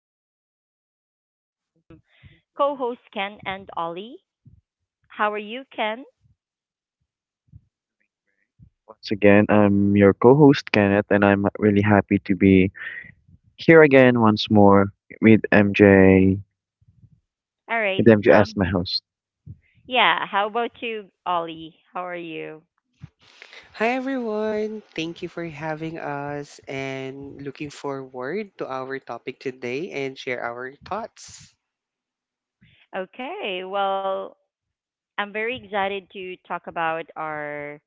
and I'm here with my awesome co-hosts Ken and Ollie. How are you, Ken? Once again, I'm your co-host Kenneth, and I'm really happy to be here again once more with MJ, All right. with MJ as Um my host. yeah, how about you, Ollie? How are you? Hi everyone. Thank you for having us and looking forward to our topic today and share our thoughts. Okay, well, I'm very excited to talk about our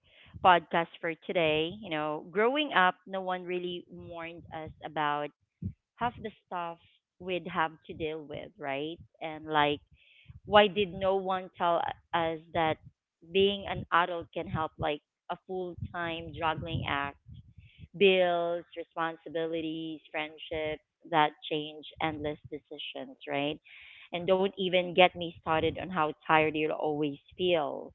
podcast for today. You know, growing up, no one really warned us about half the stuff we'd have to deal with, right? And like, why did no one tell us that being an adult can help like a full-time juggling act, bills, responsibilities, friendships that change, endless decisions, right? And don't even get me started on how tired you'll always feel.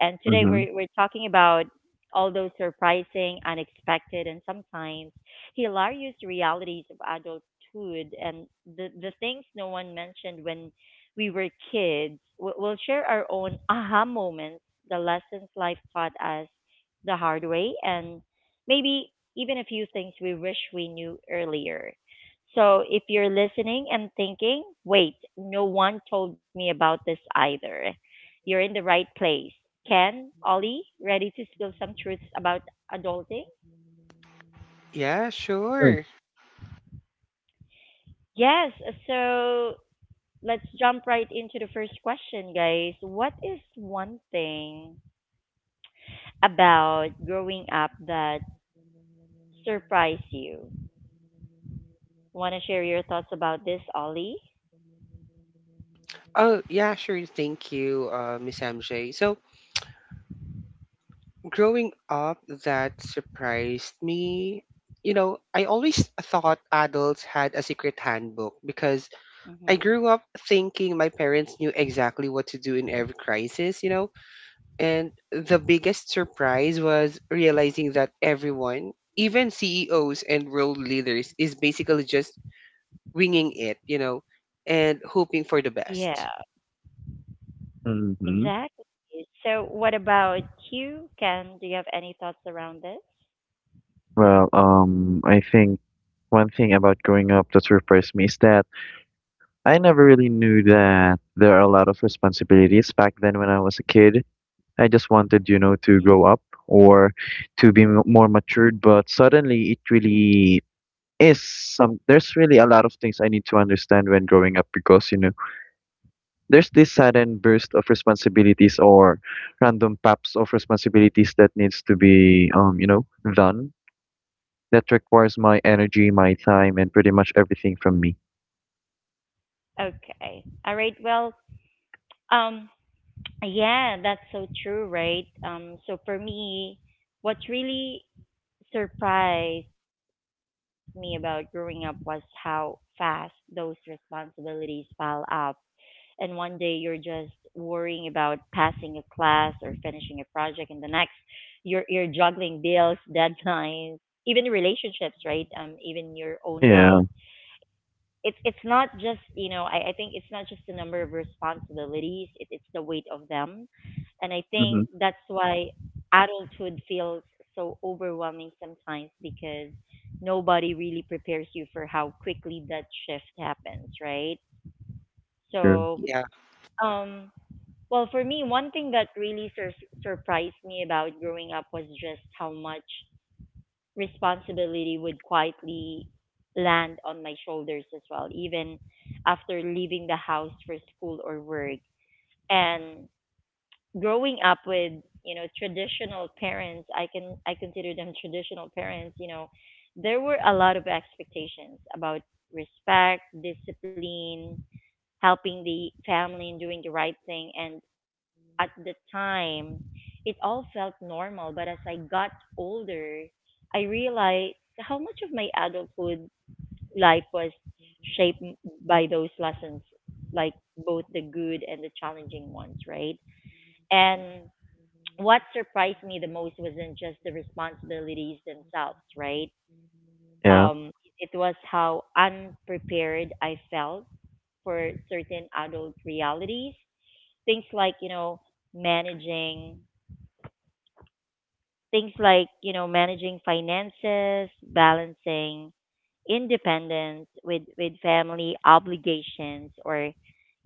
And today Mm-hmm. we're talking about all those surprising, unexpected, and sometimes hilarious realities of adulthood, and the things no one mentioned when we were kids. We'll share our own aha moments, the lessons life taught us the hard way, and maybe even a few things we wish we knew earlier. So if you're listening and thinking, wait, no one told me about this either, you're in the right place. Ken, Ollie, ready to spill some truths about adulting? Yeah, sure. Yes, so let's jump right into the first question, guys. What is one thing about growing up that surprised you? Want to share your thoughts about this, Ollie? Oh, yeah, sure. Thank you, Miss MJ. So, growing up, that surprised me. You know, I always thought adults had a secret handbook because I Mm-hmm. grew up thinking my parents knew exactly what to do in every crisis, you know? And the biggest surprise was realizing that everyone, even CEOs and world leaders, is basically just winging it, you know, and hoping for the Yeah. best. Mm-hmm. Exactly. So, what about you, Ken? Do you have any thoughts around this? Well, I think one thing about growing up that surprised me is that I never really knew that there are a lot of responsibilities. Back then, when I was a kid, I just wanted, you know, to grow up or to be more matured. But suddenly, it really is some there's really a lot of things I need to understand when growing up because there's this sudden burst of responsibilities or random paps of responsibilities that needs to be done, that requires my energy, my time, and pretty much everything from me. Okay. All right. Well, um, yeah, that's so true, right? So for me, what really surprised me about growing up was how fast those responsibilities pile up. And one day you're just worrying about passing a class or finishing a project, and the next you're juggling bills, deadlines, even relationships, right? Even your own health. Yeah. It's not just, I think it's not just the number of responsibilities, it's the weight of them. And I think Mm-hmm. that's why adulthood feels so overwhelming sometimes, because nobody really prepares you for how quickly that shift happens, right? True. So, Yeah, um, well, for me, one thing that really surprised me about growing up was just how much responsibility would quietly land on my shoulders as well, even after leaving the house for school or work. And growing up with, traditional parents, I consider them traditional parents, there were a lot of expectations about respect, discipline, helping the family and doing the right thing. And at the time, it all felt normal. But as I got older, I realized how much of my adulthood life was shaped by those lessons, like both the good and the challenging ones, right? And what surprised me the most wasn't just the responsibilities themselves, right? Yeah. Um, it was how unprepared I felt for certain adult realities, things like you know managing things like you know managing finances, balancing independence with family obligations, or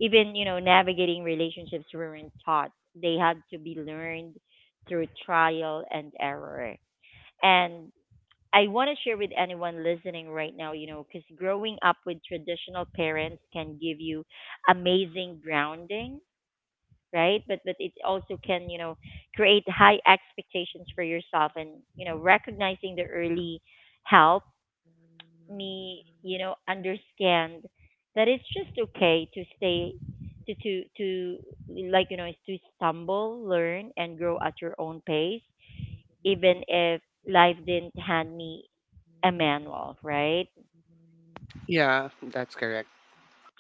even navigating relationships, weren't taught. They had to be learned through trial and error. And I want to share with anyone listening right now, because growing up with traditional parents can give you amazing grounding, right? But it also can, create high expectations for yourself, and recognizing the early help me understand that it's just okay to stay, to like you know to stumble, learn, and grow at your own pace, even if life didn't hand me a manual, right? yeah, that's correct.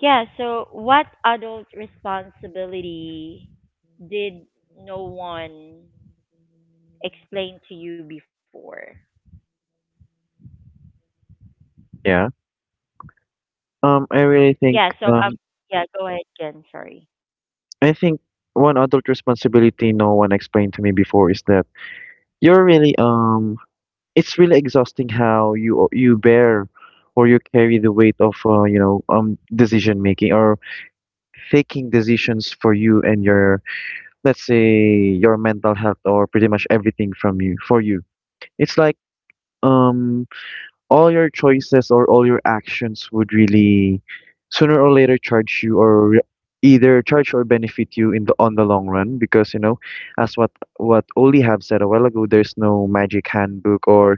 Yeah, so what adult responsibility did no one explained to you before? Yeah. I Yeah, so really yeah, um go ahead Ken, sorry. think one adult responsibility no one explained to me before is that you're really it's really exhausting how you bear or you carry the weight of decision making, or taking decisions for you and your, let's say, your mental health, or pretty much everything from you, for you. It's like um all your choices or all your actions would really sooner or later charge you, either charge or benefit you in the on the long run. Because as what Oli have said a while ago, there's no magic handbook or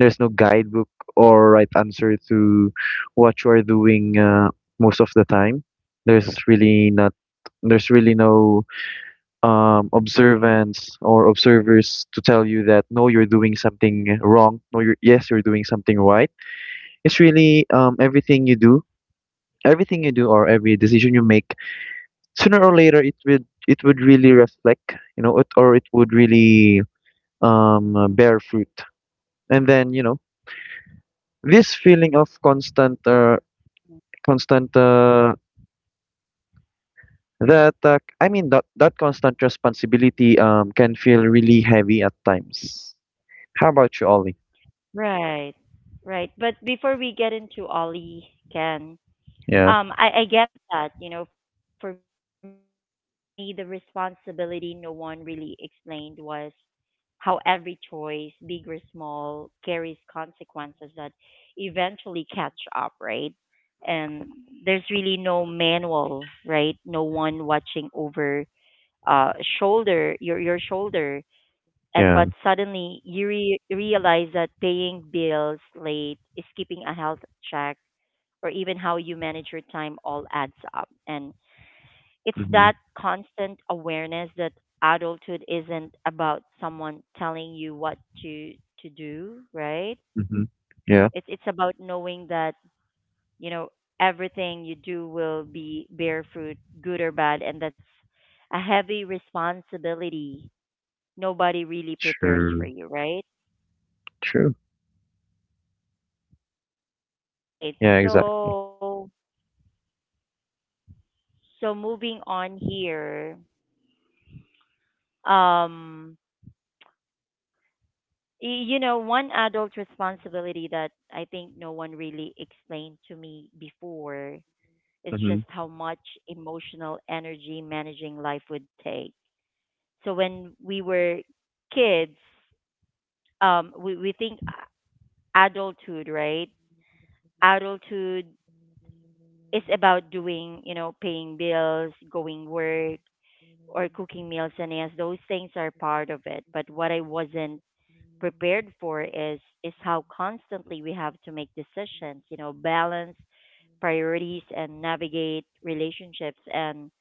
there's no guidebook or right answer to what you are doing. Uh, most of the time, there's really not there's really no observance or observers to tell you that no, you're doing something wrong. No, you're yes, you're doing something right. It's really everything you do or every decision you make, sooner or later it would really reflect, it, or it would really bear fruit. And then, this feeling of constant constant that I mean that constant responsibility can feel really heavy at times. How about you, Ollie? Right. Right. But before we get into Ollie, Ken, Yeah, I get that. You know, for me, the responsibility no one really explained was how every choice, big or small, carries consequences that eventually catch up, right? And there's really no manual, right? No one watching over, uh shoulder your shoulder. And but yeah. suddenly you realize that paying bills late, skipping a health check, or even how you manage your time all adds up. And it's Hmm. that constant awareness that adulthood isn't about someone telling you what to to do, right? Hmm. Yeah. It's about knowing that, you know, everything you do will be bear fruit, good or bad, and that's a heavy responsibility nobody really prepares True. for you, right? True. Right. Yeah, exactly. So so moving on here. Um one adult responsibility that I think no one really explained to me before is Mhm. just how much emotional energy managing life would take. So when we were kids, we think adulthood, right? Adulthood is about doing, you know, paying bills, going work, or cooking meals, and yes, those things are part of it. But what I wasn't prepared for is how constantly we have to make decisions, you know, balance priorities and navigate relationships, and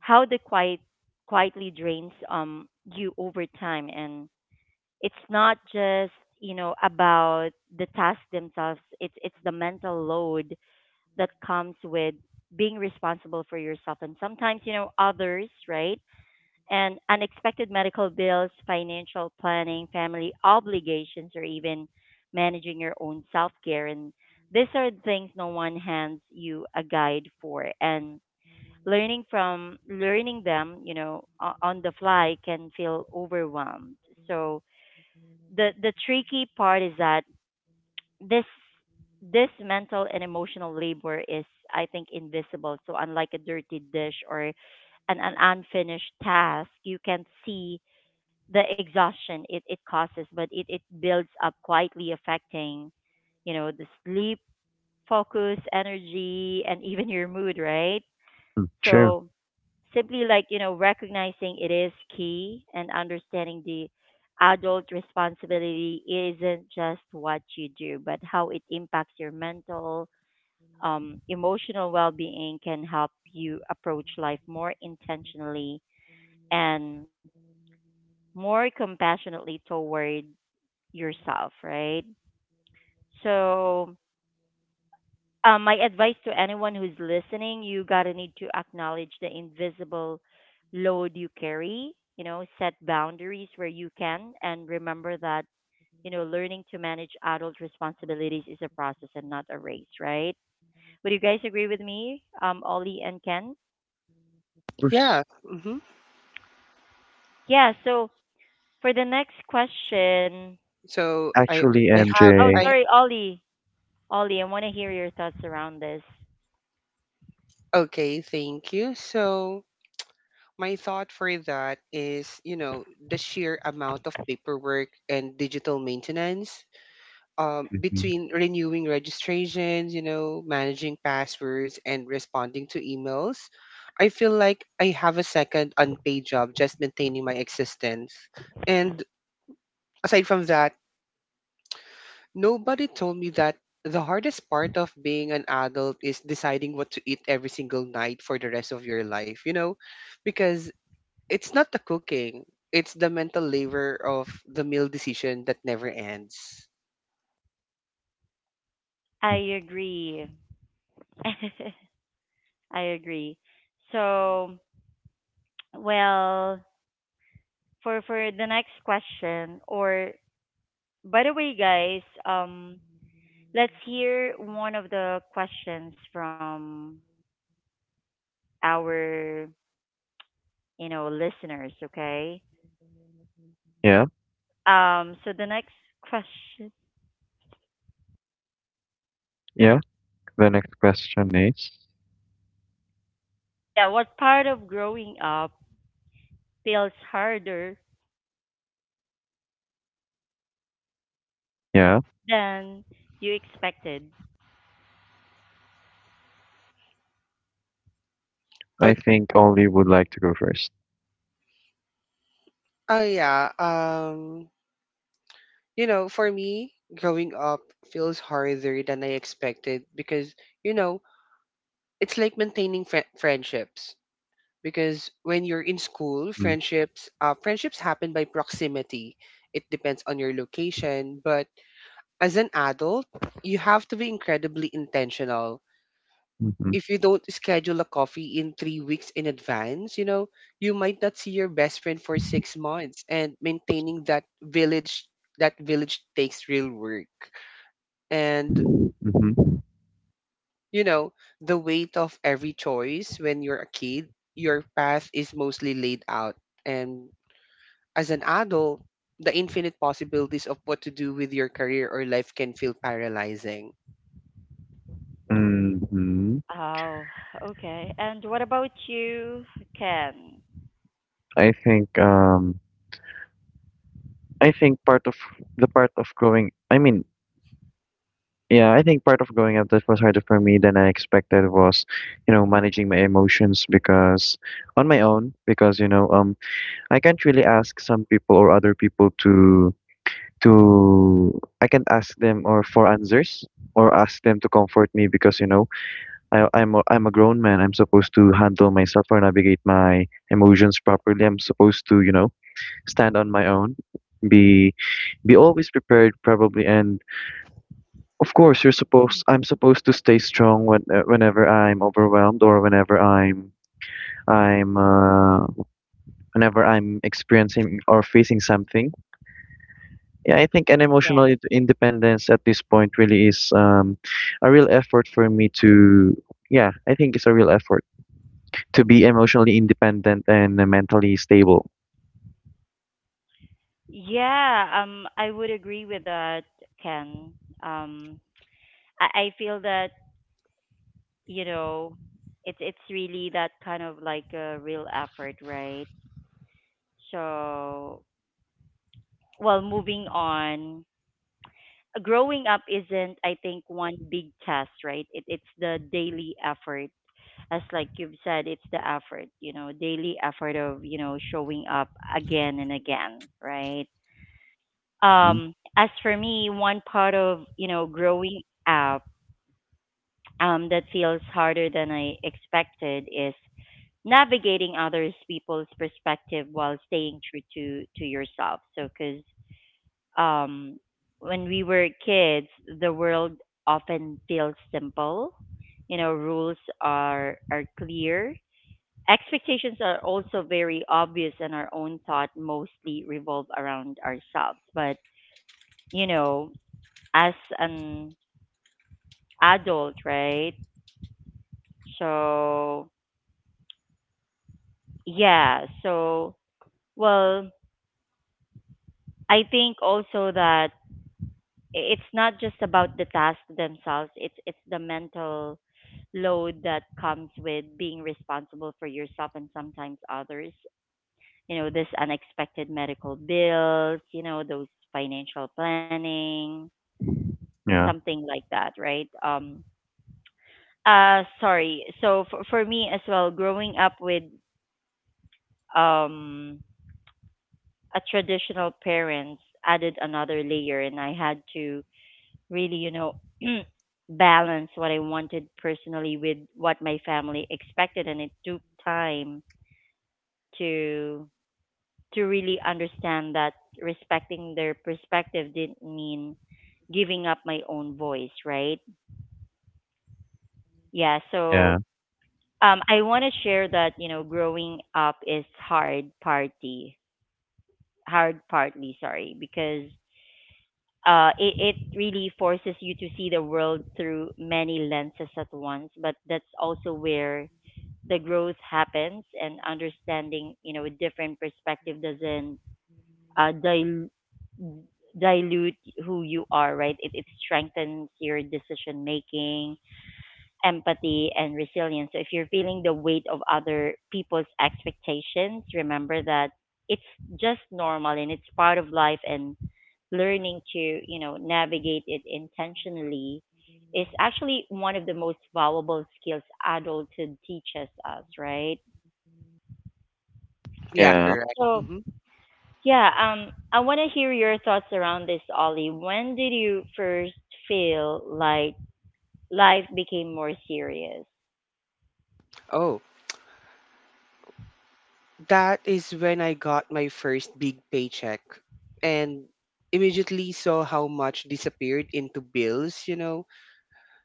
how the quietly drains you over time. And it's not just, about the tasks themselves, it's the mental load that comes with being responsible for yourself, and sometimes, others, right? And unexpected medical bills, financial planning, family obligations, or even managing your own self care. And these are things no one hands you a guide for. And learning them, on the fly, can feel overwhelmed. So the tricky part is that this this mental and emotional labor is, I think, invisible. So unlike a dirty dish or an unfinished task, you can see the exhaustion it causes, but it builds up quietly, affecting, the sleep, focus, energy, and even your mood, right? Mm. True. Of So simply like, recognizing it is key, and understanding the adult responsibility isn't just what you do, but how it impacts your mental, emotional well being, can help you approach life more intentionally and more compassionately toward yourself, right? So, my advice to anyone who's listening, you gotta need to acknowledge the invisible load you carry. You know, set boundaries where you can, and remember that learning to manage adult responsibilities is a process and not a race, right? Would you guys agree with me, Ollie and Ken? course. Yeah. Hmm. Yeah. So for the next question, So Actually, I have, oh, MJ, I sorry, Ollie. Ollie, I want to hear your thoughts around this. okay, thank you. So my thought for that is, you know, the sheer amount of paperwork and digital maintenance, hmm, between renewing registrations, you know, managing passwords, and responding to emails. I feel like I have a second unpaid job just maintaining my existence. And aside from that, nobody told me that the hardest part of being an adult is deciding what to eat every single night for the rest of your life, you know, because it's not the cooking, it's the mental labor of the meal decision that never ends. I agree. I agree. So, well, for the next question, or by the way, guys, let's hear one of the questions from our, listeners, okay? yeah, So the next question, yeah. The next question is, yeah, what part of growing up feels harder yeah, than you expected? I Okay, think Ollie would like to go first. Yeah. You know, for me, growing up feels harder than I expected because, you know, it's like maintaining friendships. Because when you're in school, Mm. friendships happen by proximity. It depends on your location, but as an adult, you have to be incredibly intentional. Mm-hmm. If you don't schedule a coffee in 3 weeks in advance, you know, you might not see your best friend for 6 months, and maintaining that village takes real work. And, Mm-hmm. you know, the weight of every choice. When you're a kid, your path is mostly laid out, and as an adult, the infinite possibilities of what to do with your career or life can feel paralyzing. Mm-hmm. Oh, okay. And what about you, Ken? I think, um, I think part of growing, I mean, yeah, I think part of growing up that was harder for me than I expected was, you know, managing my emotions, because on my own, because, I can't really ask some people or other people to. To I can't ask them or for answers, or ask them to comfort me. Because I'm a grown man. I'm supposed to handle myself or navigate my emotions properly. I'm supposed to, stand on my own, be be always prepared probably. And of course, you're supposed I'm supposed to stay strong whenever I'm overwhelmed, or I'm uh, whenever I'm experiencing or facing something. Yeah, I think an Yeah. emotional independence at this point really is a real effort yeah, I think it's a real effort to be emotionally independent and mentally stable. Yeah, I would agree with that, Ken. Um, I feel that, you know, it's really that kind of like a real effort, right? So, well, moving on, growing up isn't, I think, one big test, right? It's the daily effort, as like you've said, it's the effort, daily effort of showing up again and again, right? Mhm. As for me, one part of, growing up, that feels harder than I expected is navigating others people's perspective while staying true to yourself. So, because um, when we were kids, the world often feels simple. You know, rules are clear. Expectations are also very obvious, and our own thought mostly revolve around ourselves. But you know, as an adult, right? So, yeah. So, well, I think also that it's not just about the tasks themselves. It's the mental load that comes with being responsible for yourself and sometimes others. You know, this unexpected medical bills. You know, those financial planning, Yeah, something like that, right? Sorry. So for me as well, growing up with um a traditional parents added another layer, and I had to really, balance what I wanted personally with what my family expected, and it took time to to really understand that respecting their perspective didn't mean giving up my own voice, right? Yeah, yeah, so I want to share that, growing up is hard partly, sorry, because it really forces you to see the world through many lenses at once. But that's also where the growth happens, and understanding, a different perspective doesn't uh, dil- dilute who you are, right? It strengthens your decision making, empathy, and resilience. So if you're feeling the weight of other people's expectations, remember that it's just normal and it's part of life, and learning to, navigate it intentionally is actually one of the most valuable skills adulthood teaches us, right? Yeah, yeah. correct. So Hmm. yeah, I want to hear your thoughts around this, Ollie. When did you first feel like life became more serious? Oh, that is when I got my first big paycheck and immediately saw how much disappeared into bills, you know,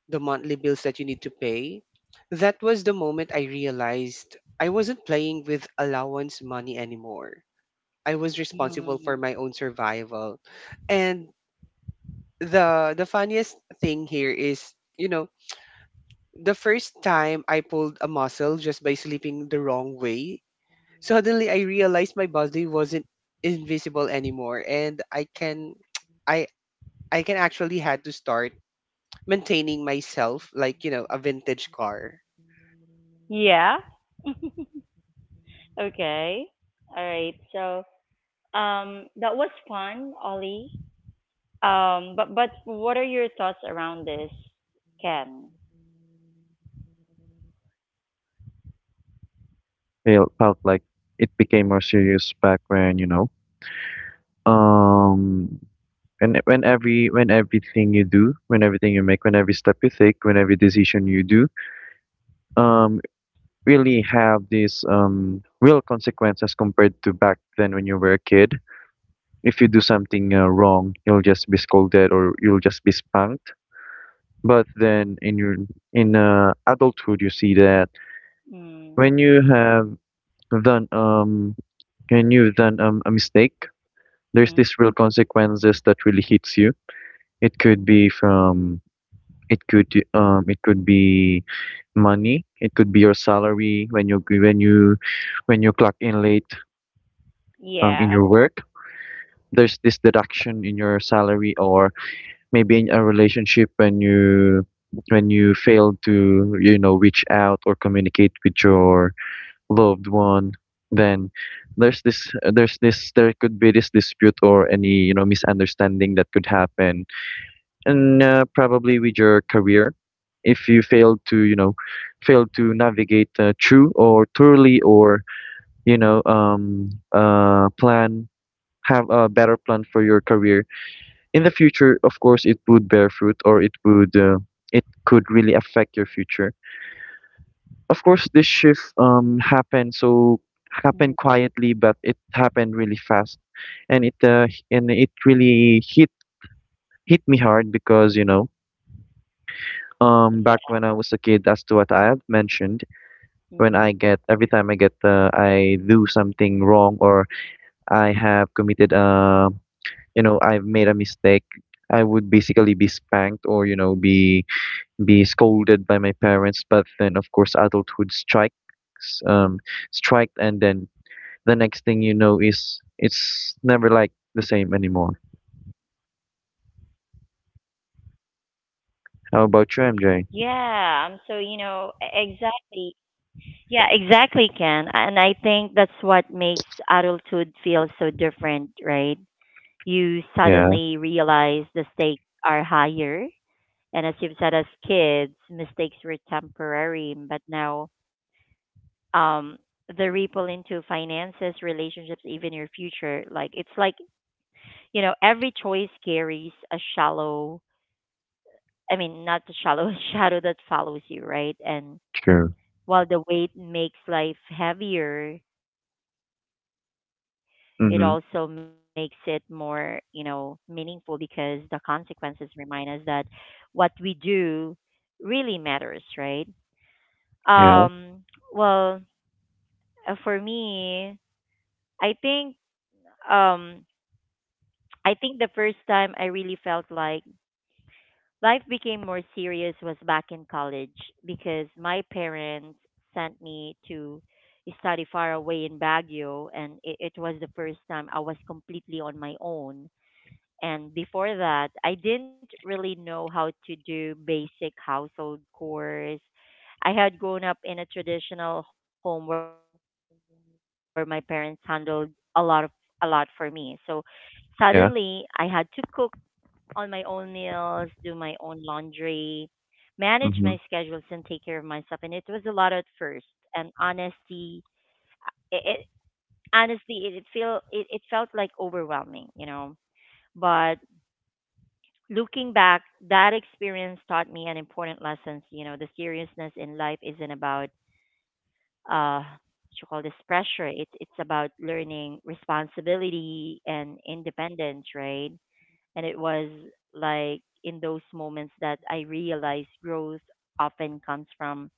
the monthly bills that you need to pay. That was the moment I realized I wasn't playing with allowance money anymore. I was responsible for Mm. my own survival. And the funniest thing here is, you know, the first time I pulled a muscle just by sleeping the wrong way. Suddenly I realized my body wasn't invisible anymore, and I can I I can actually had to start maintaining myself like, you know, a vintage car. Yeah. Okay. All right. So, that was fun, Ollie. But what are your thoughts around this, Ken? Feel felt like it became more serious back when, um, when every when everything you do, when everything you make, when every step you take, when every decision you do, um, really have these real consequences compared to back then when you were a kid. If you do something wrong, you'll just be scolded or you'll just be spanked. But then in your in adulthood, you see that when Mm. you have done um when you've done a mistake, there's this real Mm-hmm. consequences that really hits you. It could be from it could it could be money. It could be your salary when you clock in late in your Yeah. work. There's this deduction in your salary, or maybe in a relationship when you fail to reach out or communicate with your loved one. Then there's this there could be this dispute, or any misunderstanding that could happen. And probably with your career, if you fail to fail to navigate through, or thoroughly, or you know um plan have a better plan for your career in the future, of course, it would bear fruit, or it could really affect your future. Of course, this shift happened Mm. quietly, but it happened really fast, and it really hit me hard. Because back when I was a Yeah. kid, as to what I have mentioned, when I get Mm. every time I get I do something wrong, or I have committed you know I've made a mistake, I would basically be spanked, or be scolded by my parents. But then of course, adulthood strikes, um, striked, and then the next thing you know is it's never like the same anymore. How about you, MJ? Yeah. Exactly. Yeah, exactly, Ken. And I think that's what makes adulthood feel so different, right? You Yeah, suddenly realize the stakes are higher. And as you've said, as kids, mistakes were temporary, but now um, the ripple into finances, relationships, even your future, like it's like, you know, every choice carries a shallow, I mean, not a shallow shadow that follows you, right? And true. while the weight makes life heavier, it also makes it more, you Mm-hmm. know, meaningful because the consequences remind us that what we do really matters, right? Um, Yeah, well, for me, I think um I think the first time I really felt like life became more serious was back in college because my parents sent me to study far away in Baguio, and it was the first time I was completely on my own. And before that, I didn't really know how to do basic household chores. I had grown up in a traditional home where my parents handled a lot of a lot for me. So suddenly I had to cook yeah. on my own meals, do my own laundry, manage my schedules, and take care of Mm-hmm. myself. And it was a lot at first. And honesty, it honestly it, it feel it, it felt like overwhelming, you know. But looking back, that experience taught me an important lessons. You know, the seriousness in life isn't about what you call this pressure. It's about learning responsibility and independence, right? And it was like in those moments that I realized growth often comes from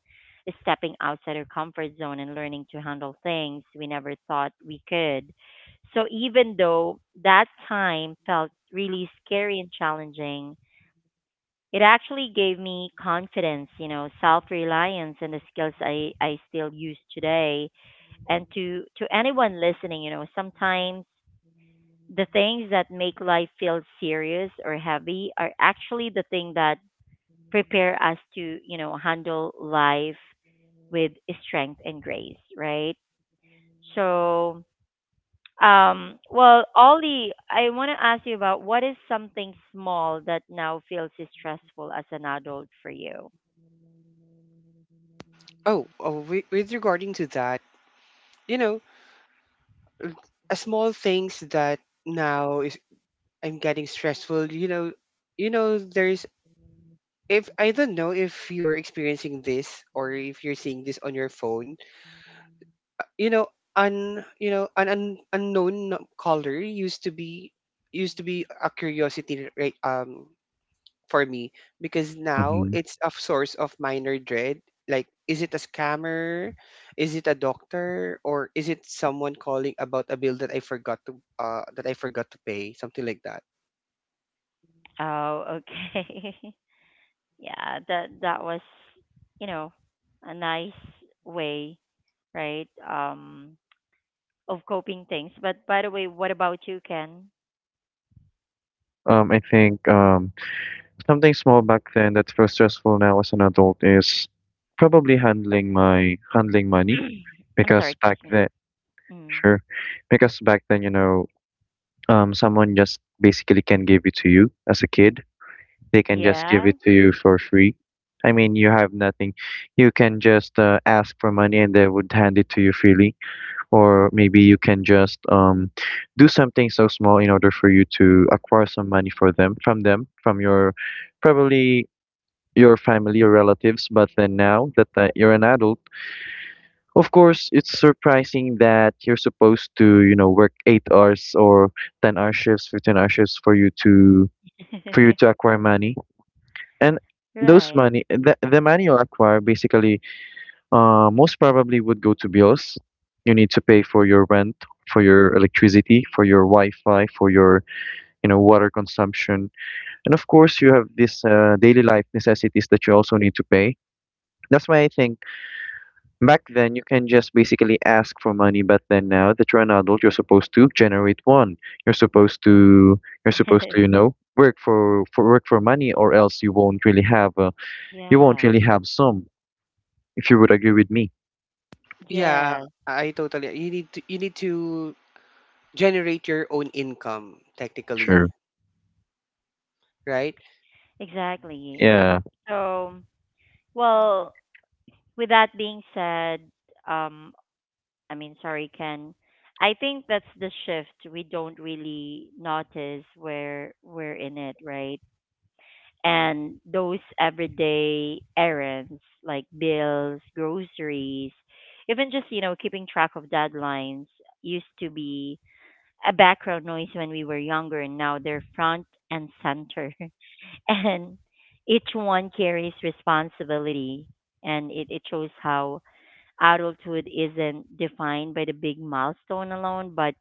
stepping outside our comfort zone and learning to handle things we never thought we could. So even though that time felt really scary and challenging, it actually gave me confidence, you know, self-reliance and the skills I still use today. And to anyone listening, you know, sometimes the things that make life feel serious or heavy are actually the thing that prepare us to, you know, handle life with strength and grace, right? So, Ollie, I want to ask you about what is something small that now feels stressful as an adult for you? Oh, with regarding to that, you know, a small things that now is I'm getting stressful, you know. There's, if I don't know if you're experiencing this or if you're seeing this on your phone, you know, un you know, an un, unknown caller used to be a curiosity, right? For me, because now Mm-hmm. it's a source of minor dread. Like, is it a scammer? Is it a doctor? Or is it someone calling about a bill that I forgot to pay? Something like that. Oh, okay. Yeah, that that was, you know, a nice way, right? Of coping things. But by the way, what about you, Ken? I think Something small back then that feels stressful now as an adult is probably handling money. I'm Because sorry, Back excuse me. then, Mm. sure, because back then, someone just basically can give it to you as a kid. They can just give Yeah. it to you for free. I mean, you have nothing. You can just ask for money and they would hand it to you freely. Or maybe you can just do something so small in order for you to acquire some money for them, from your, probably, your family or relatives. But then now that you're an adult, of course, it's surprising that you're supposed to, work 8 hours, or 10 hour shifts, 15 hour shifts for you to acquire money. And those Right. money, the money you acquire basically, most probably would go to bills. You need to pay for your rent, for your electricity, for your Wi-Fi, for your, water consumption. And of course, you have these daily life necessities that you also need to pay. That's why I think back then you can just basically ask for money, but then now that you're an adult, you're supposed to generate one. You're supposed to, you're supposed to, you know, work for money, or else you won't really have a, you won't Yeah. really have some, if you would agree with me. Yeah, Yes, I totally. You need to generate your own income, technically, Sure. right? exactly. Yeah. So, well, with that being said, um, I mean, sorry, Ken. I think that's the shift we don't really notice where we're in it, right? And those everyday errands like bills, groceries, even just, you know, keeping track of deadlines used to be a background noise when we were younger, and now they're front and center. And each one carries responsibility, and it shows how adulthood isn't defined by the big milestone alone, but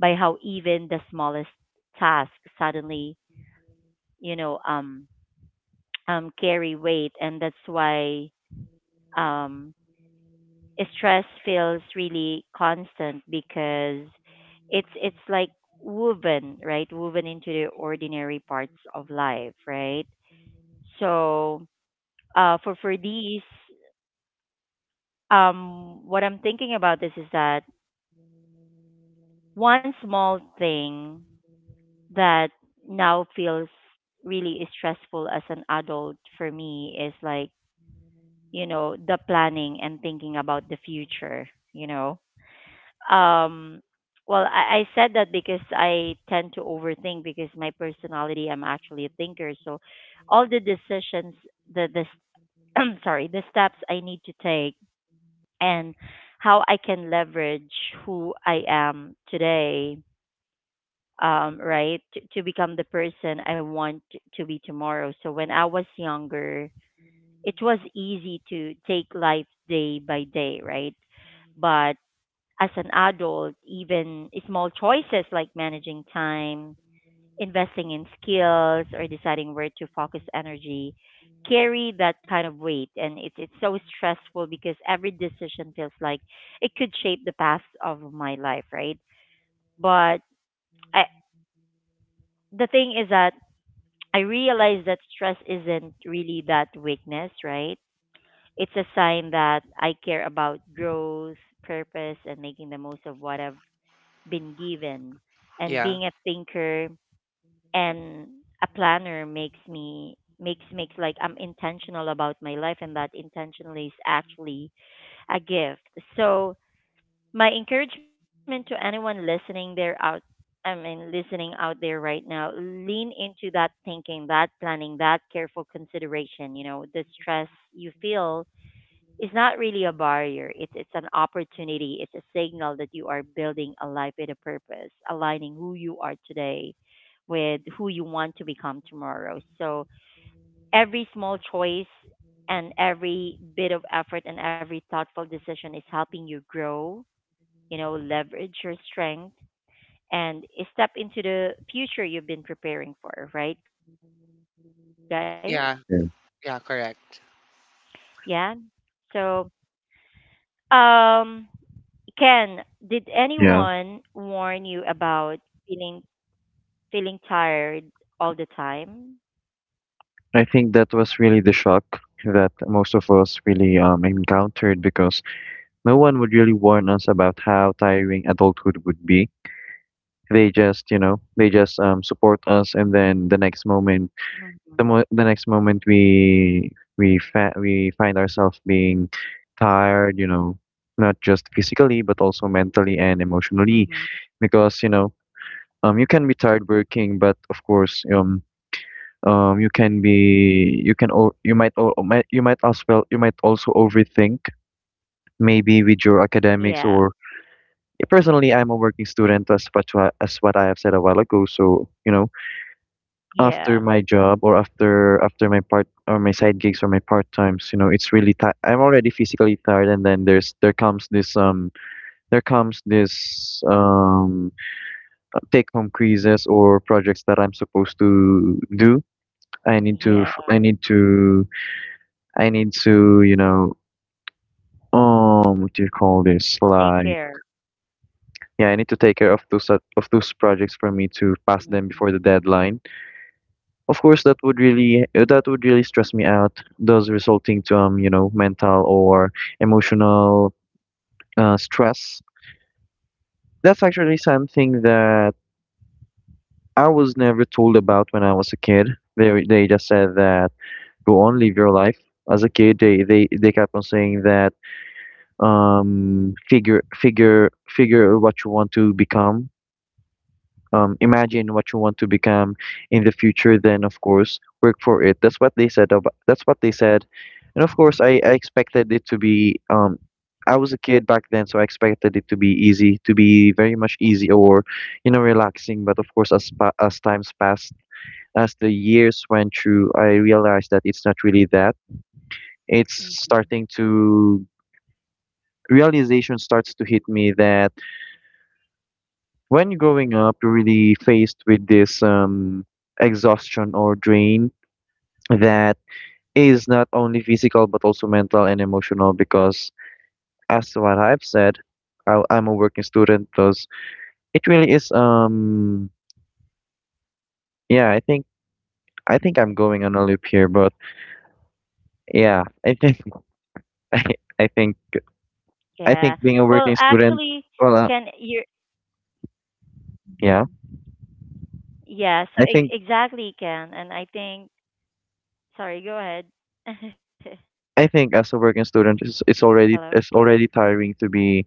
by how even the smallest task suddenly, you know, um, carry weight, and that's why um, stress feels really constant because it's like woven, right? Woven into the ordinary parts of life, right? So for these, what I'm thinking about this is that one small thing that now feels really stressful as an adult for me is like you know, the planning and thinking about the future, you know. Um, well, I said that because I tend to overthink because my personality, I'm actually a thinker. So all the decisions, the, the, I'm sorry, the steps I need to take and how I can leverage who I am today, right, to become the person I want to be tomorrow. So when I was younger, it was easy to take life day by day, right? But as an adult, even small choices like managing time, investing in skills, or deciding where to focus energy carry that kind of weight. And it's so stressful because every decision feels like it could shape the path of my life, right? But I, the thing is that I realize that stress isn't really that weakness, right? It's a sign that I care about growth, purpose, and making the most of what I've been given. And Yeah, being a thinker and a planner makes me makes makes like I'm intentional about my life, and that intentionally is actually a gift. So my encouragement to anyone listening there out I mean, listening out there right now, lean into that thinking, that planning, that careful consideration. You know, the stress you feel is not really a barrier. It's an opportunity. It's a signal that you are building a life with a purpose, aligning who you are today with who you want to become tomorrow. So every small choice and every bit of effort and every thoughtful decision is helping you grow, you know, leverage your strength and step into the future you've been preparing for, right guys? yeah, Yeah. yeah. Yeah. Correct. So um Ken, did anyone warn Yeah. you about feeling feeling tired all the time? I think that was really the shock that most of us really encountered, because no one would really warn us about how tiring adulthood would be. They just support us, and then the next moment, Mm-hmm. the mo the next moment we we find ourselves being tired, not just physically but also mentally Mm-hmm. and emotionally. Because, you can be tired working, but of course, you might also overthink maybe with your Yeah, academics. Or yeah, personally, I'm a working student, as what I have said a while ago. So yeah, after my job, or after my part, or my side gigs, or my part times, it's really I'm already physically tired. And then there comes this um take home quizzes or projects that I'm supposed to do. I need to yeah. f- I need to, you know, what do you call this? Take Like, care. yeah, I need to take care of those projects for me to pass them before the Mm-hmm. deadline. Of course, that would really stress me out, thus resulting to mental or emotional stress. That's actually something that I was never told about when I was a kid. They just said that, go on, live your life. As a kid, they kept on saying that, figure what you want to become, imagine what you want to become in the future, then of course work for it. That's what they said. And of course I expected it to be, I was a kid back then, so I expected it to be easy, to be very much easy, or you know, relaxing. But of course as times passed, as the years went through, I realized that it's not really that it's starting Mm-hmm. to realization starts to hit me that. When growing up, you're really faced with this, exhaustion or drain that is not only physical but also mental and emotional, because as to what I've said, I'm a working student, thus it really is. Yeah, I think, I'm going on a loop here, but yeah, I think. I, I think, Yeah. Well, being a working actually, student, Ken, well, you're. uh, Mhm. yeah, Yeah. So e- I think exactly, Ken, and I think. Sorry. Go ahead. I think as a working Hello. student, it's already, tiring to be,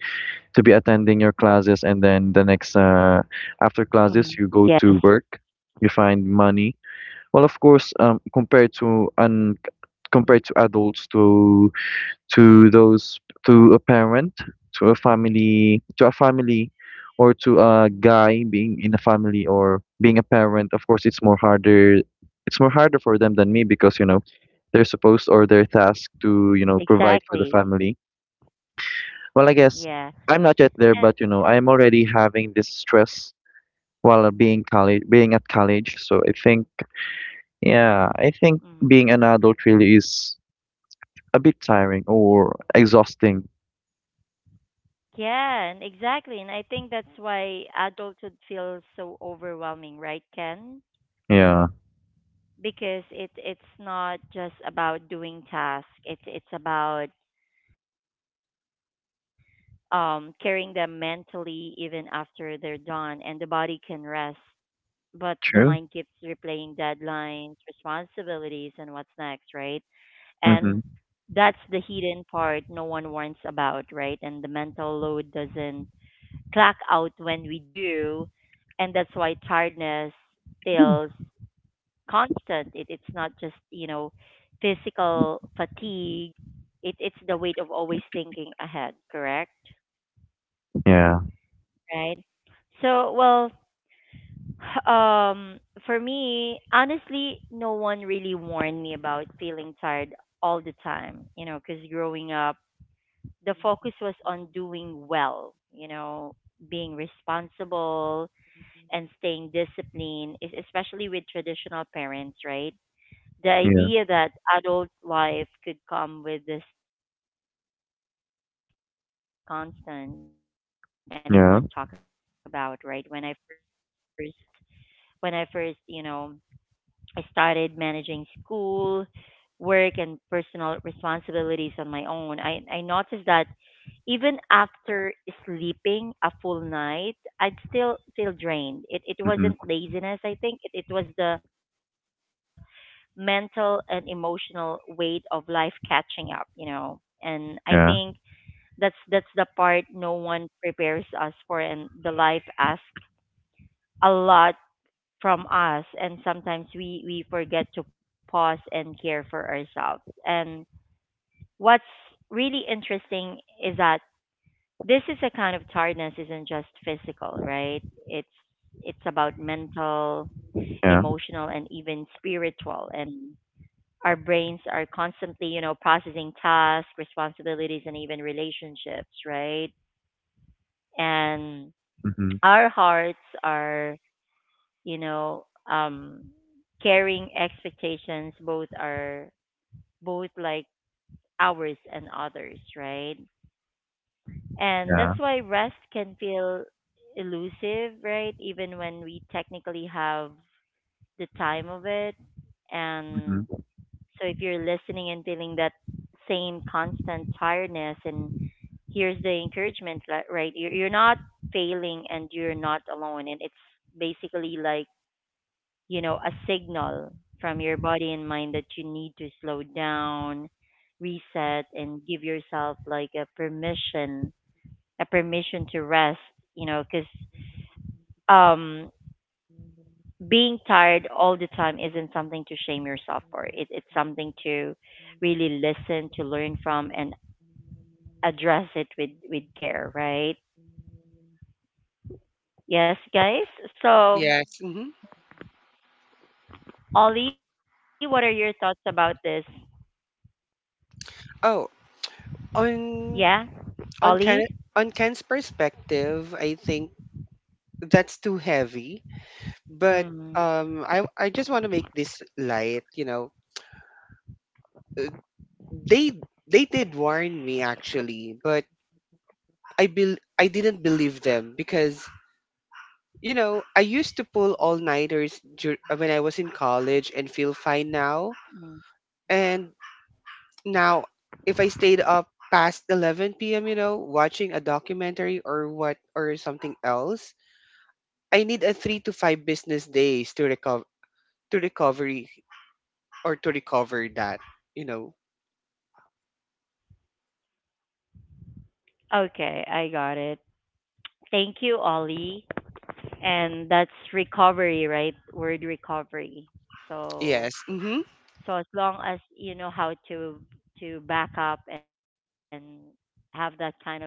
attending your classes. And then the next, Mm. after Yes. classes you go to work, you find money. Well, of course, Mm. compared to adults, to those, to a parent, to a family, or to a guy being in a family or being a parent. Of course it's more harder, for them than me, because you know, they're supposed, or they're tasked to, you know, provide for the Exactly. family. Well, I guess Yeah. I'm not yet there, but you know, I'm already having this stress while being college, being at college. So I think, yeah, I think And. being an adult really is a bit tiring or exhausting. Yeah, and exactly. And I think that's why adulthood feels so overwhelming, right, Ken? Yeah. Because it's not just about doing tasks. It's about carrying them mentally even after they're done and the body can rest, but the mind keeps True. replaying deadlines, responsibilities and what's next, right? And Mm-hmm. that's the hidden part no one warns about, right? And the mental load doesn't black out when we do, and that's why tiredness feels constant. It's not just you know physical fatigue. It's the weight of always thinking ahead. Correct, Yeah. right? So well, um, for me, honestly, no one really warned me about feeling tired all the time. You know, because growing up, the focus was on doing well. You know, being responsible and staying disciplined, is especially with traditional parents, right? The Yeah. idea that adult life could come with this constant underlying exhaustion just wasn't Yeah. something anyone talked about, right? When I first, you know, I started managing school, work and personal responsibilities on my own, I noticed that even after sleeping a full night, I'd still feel Mm-hmm. drained. It wasn't laziness, I think. It was the mental and emotional weight of life catching up, you know. And I Yeah. think that's the part no one prepares us for and the life asks a lot from us and sometimes we forget to pause and care for ourselves. And what's really interesting is that this is a kind of tiredness isn't just physical right it's about mental Yeah. emotional and even spiritual and our brains are constantly you know processing tasks responsibilities and even relationships right and Mm-hmm. our hearts are you know um carrying expectations both are both like ours and others right. And Yeah. that's why rest can feel elusive, right? Even when we technically have the time of it. And Mm-hmm. so if you're listening and feeling that same constant tiredness, and here's the encouragement, li- right? You're not failing and you're not alone. And it's basically like, you know, a signal from your body and mind that you need to slow down, reset, and give yourself like a permission to rest, you know, because um, being tired all the time isn't something to shame yourself for. It's something to really listen, to learn from, and address it with care, right? Yes, guys? So, Yes. Hmm. Ollie, what are your thoughts about this? Oh, Yeah? Ollie? on on Ken on Ken's perspective, I think that's too heavy, Mm, but I just want to make this light, you know. They they did warn me, actually, but I didn't believe them because, you know, I used to pull all nighters when I was in college and feel fine now. mm. And now, if I stayed up past 11 p.m., you know, watching a documentary or what or something else, I need a 3 to 5 business days to recover, to recovery to recover that, you know. Okay, I got it. Thank you, Ollie. And that's recovery, right? Word recovery. So, Yes. Mm-hmm. So, as long as you know how to back up and have that kind of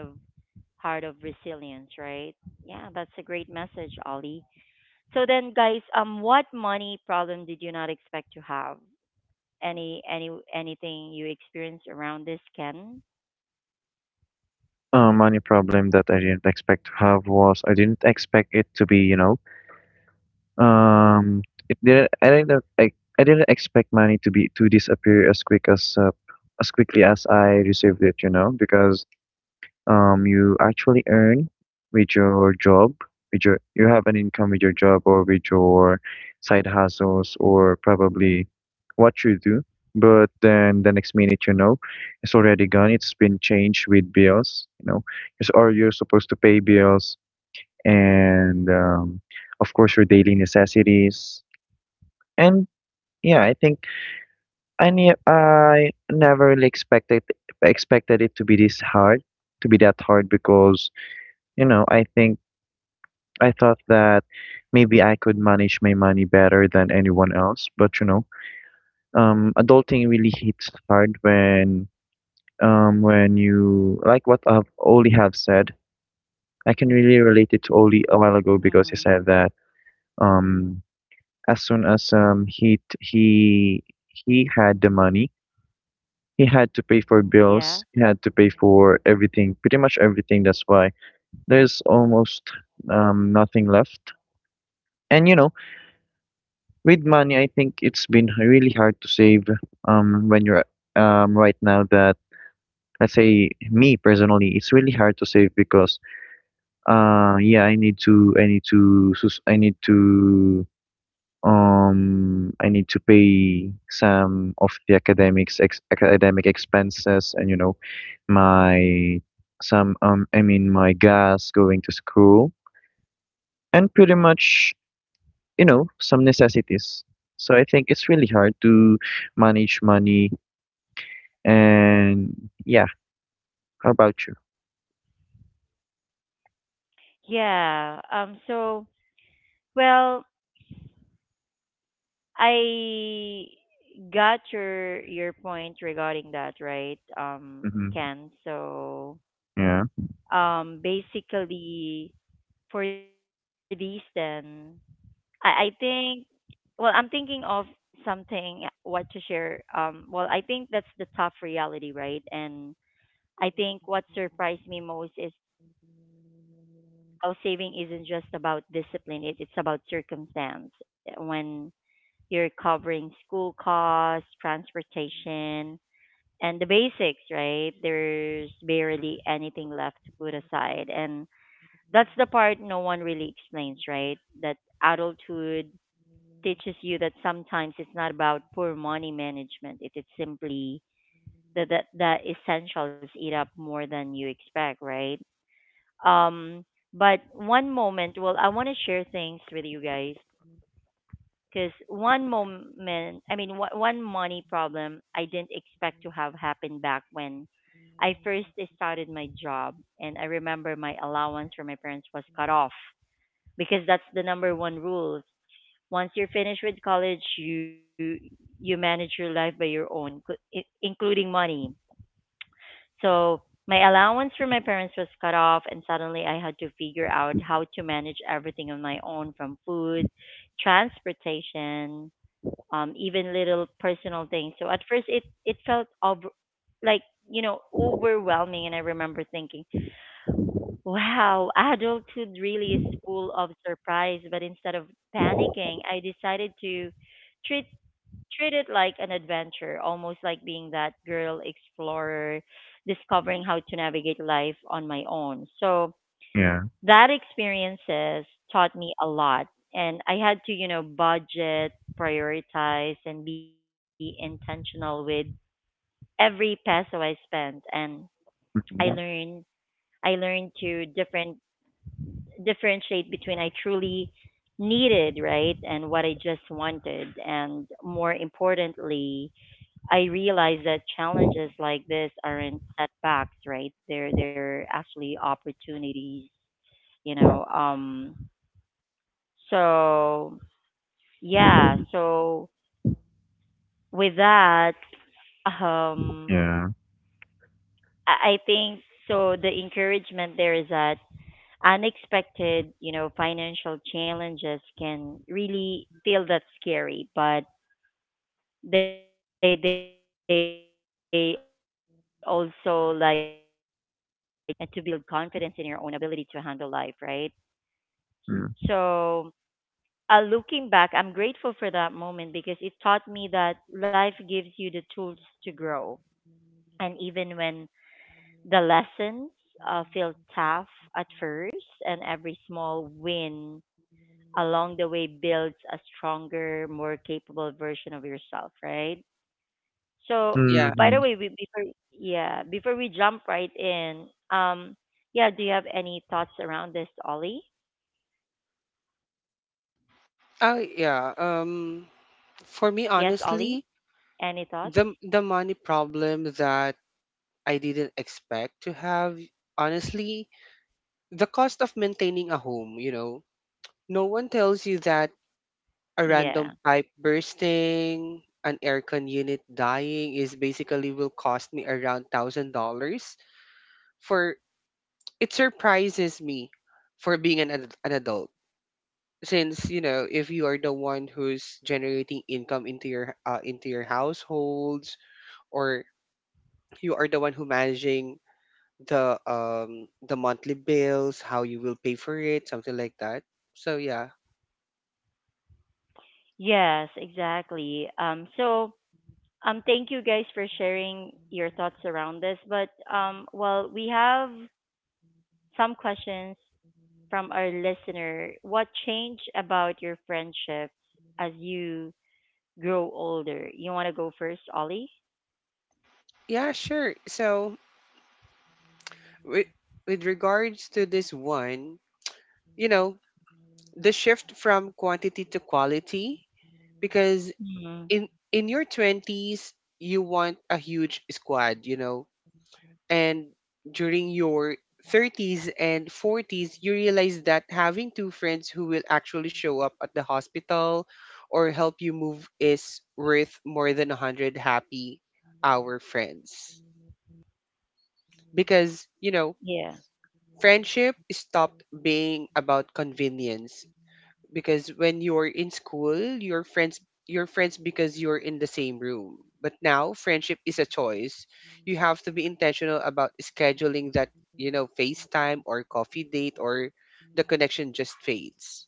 heart of resilience, right? Yeah, that's a great message, Ollie. So then, guys, what money problem did you not expect to have? Any any Anything you experienced around this, Ken? Money problem that I didn't expect to have was, I didn't expect it to be, you know. Um, Mm, it didn't. I didn't. I didn't expect money to be, to disappear as quick as, as quickly as I received it. You know, because, you actually earn with your job, with your you have an income with your job, or with your side hustles, or probably what you do. But then the next minute, you know, it's already gone. It's been changed with bills. You know, It's- or you're supposed to pay bills, and, of course, your daily necessities. And yeah, I think, I never really expected, it to be this hard, to be that hard, because you know, I think I thought that maybe I could manage my money better than anyone else. But you know, adulting really hits hard when, you like what I've Oli have said. I can really relate it to Oli a while ago, because he mm, said that, um as soon as, he had the money, he had to pay for bills, he yeah, had to pay for everything, pretty much everything. That's why there's almost, nothing left. And you know, with money, I think it's been really hard to save, when you're, right now that, let's say me personally, it's really hard to save because, yeah, I need to, I need to pay some of the academic expenses. And you know, my some I mean, my gas going to school, and pretty much, you know, some necessities. So I think it's really hard to manage money. And yeah, how about you? yeah. So well, I got your point regarding that, right? Mm-hmm. Ken. So Yeah, basically for these then I think well I'm thinking of something what to share well I think that's the tough reality right and I think what surprised me most is how saving isn't just about discipline it's about circumstance eh, when you're covering school costs transportation and the basics right there's barely anything left to put aside and that's the part no one really explains, right? That adulthood teaches you that sometimes it's not about poor money management. It's simply that essentials eat up more than you expect, right? Um, but one moment, well, I want to share things with you guys because one money problem I didn't expect to have happened back when I first started my job, and I remember my allowance from my parents was cut off because that's the number one rule. Once you're finished with college, you manage your life by your own, including money. So my allowance from my parents was cut off, and suddenly I had to figure out how to manage everything on my own, from food, transportation, even little personal things. So at first it felt like overwhelming, and I remember thinking, wow, adulthood really is full of surprise. But instead of panicking, I decided to treat treat it like an adventure, almost like being that girl explorer, discovering how to navigate life on my own. So yeah, that experiences taught me a lot, and I had to, budget, prioritize, and be intentional with every peso I spent. And i learned mm-hmm. I learned to differentiate between I truly needed, right, and what I just wanted. And more importantly, I realized that challenges like this aren't setbacks, right? They're actually opportunities. you know um So yeah, so with that, um, Yeah. I think so. The encouragement there is that unexpected, financial challenges can really feel that scary, but they also, like, give you a chance to learn, to adopt, and to build confidence in your own ability to handle life, right? Mm-hmm. So looking back, I'm grateful for that moment because it taught me that life gives you the tools to grow. And even when the lessons feel tough at first, and every small win along the way builds a stronger, more capable version of yourself, right? So, Yeah. by the Mm-hmm. way, before we jump right in, um, yeah, do you have any thoughts around this, Ollie? Oh, yeah. Yes, Ollie, For me, any thoughts? honestly, the money problem that I didn't expect to have, honestly, the cost of maintaining a home, you know, no one tells you that Yeah. a random pipe bursting, an aircon unit dying is basically will cost me around $1,000. For it surprises me for being an an adult. Since, you know, if you are the one who's generating income into your households, or you are the one who managing the monthly bills, how you will pay for it, something like that. So, yeah. Yes, exactly. Thank you guys for sharing your thoughts around this. But well, we have some questions from our listener. What changed about your friendships as you grow older? You want to go first, Ollie? Yeah, sure. So, with, with regards to this one, you know, the shift from quantity to quality, because Mm, in your 20s, you want a huge squad, you know. And during your 30s and 40s, you realize that having two friends who will actually show up at the hospital or help you move is worth more than 100 happy hour friends. Because, you know, yeah, friendship stopped being about convenience, because when you're in school, your friends because you're in the same room. But now friendship is a choice. You have to be intentional about scheduling that, you know, FaceTime or coffee date, or the connection just fades.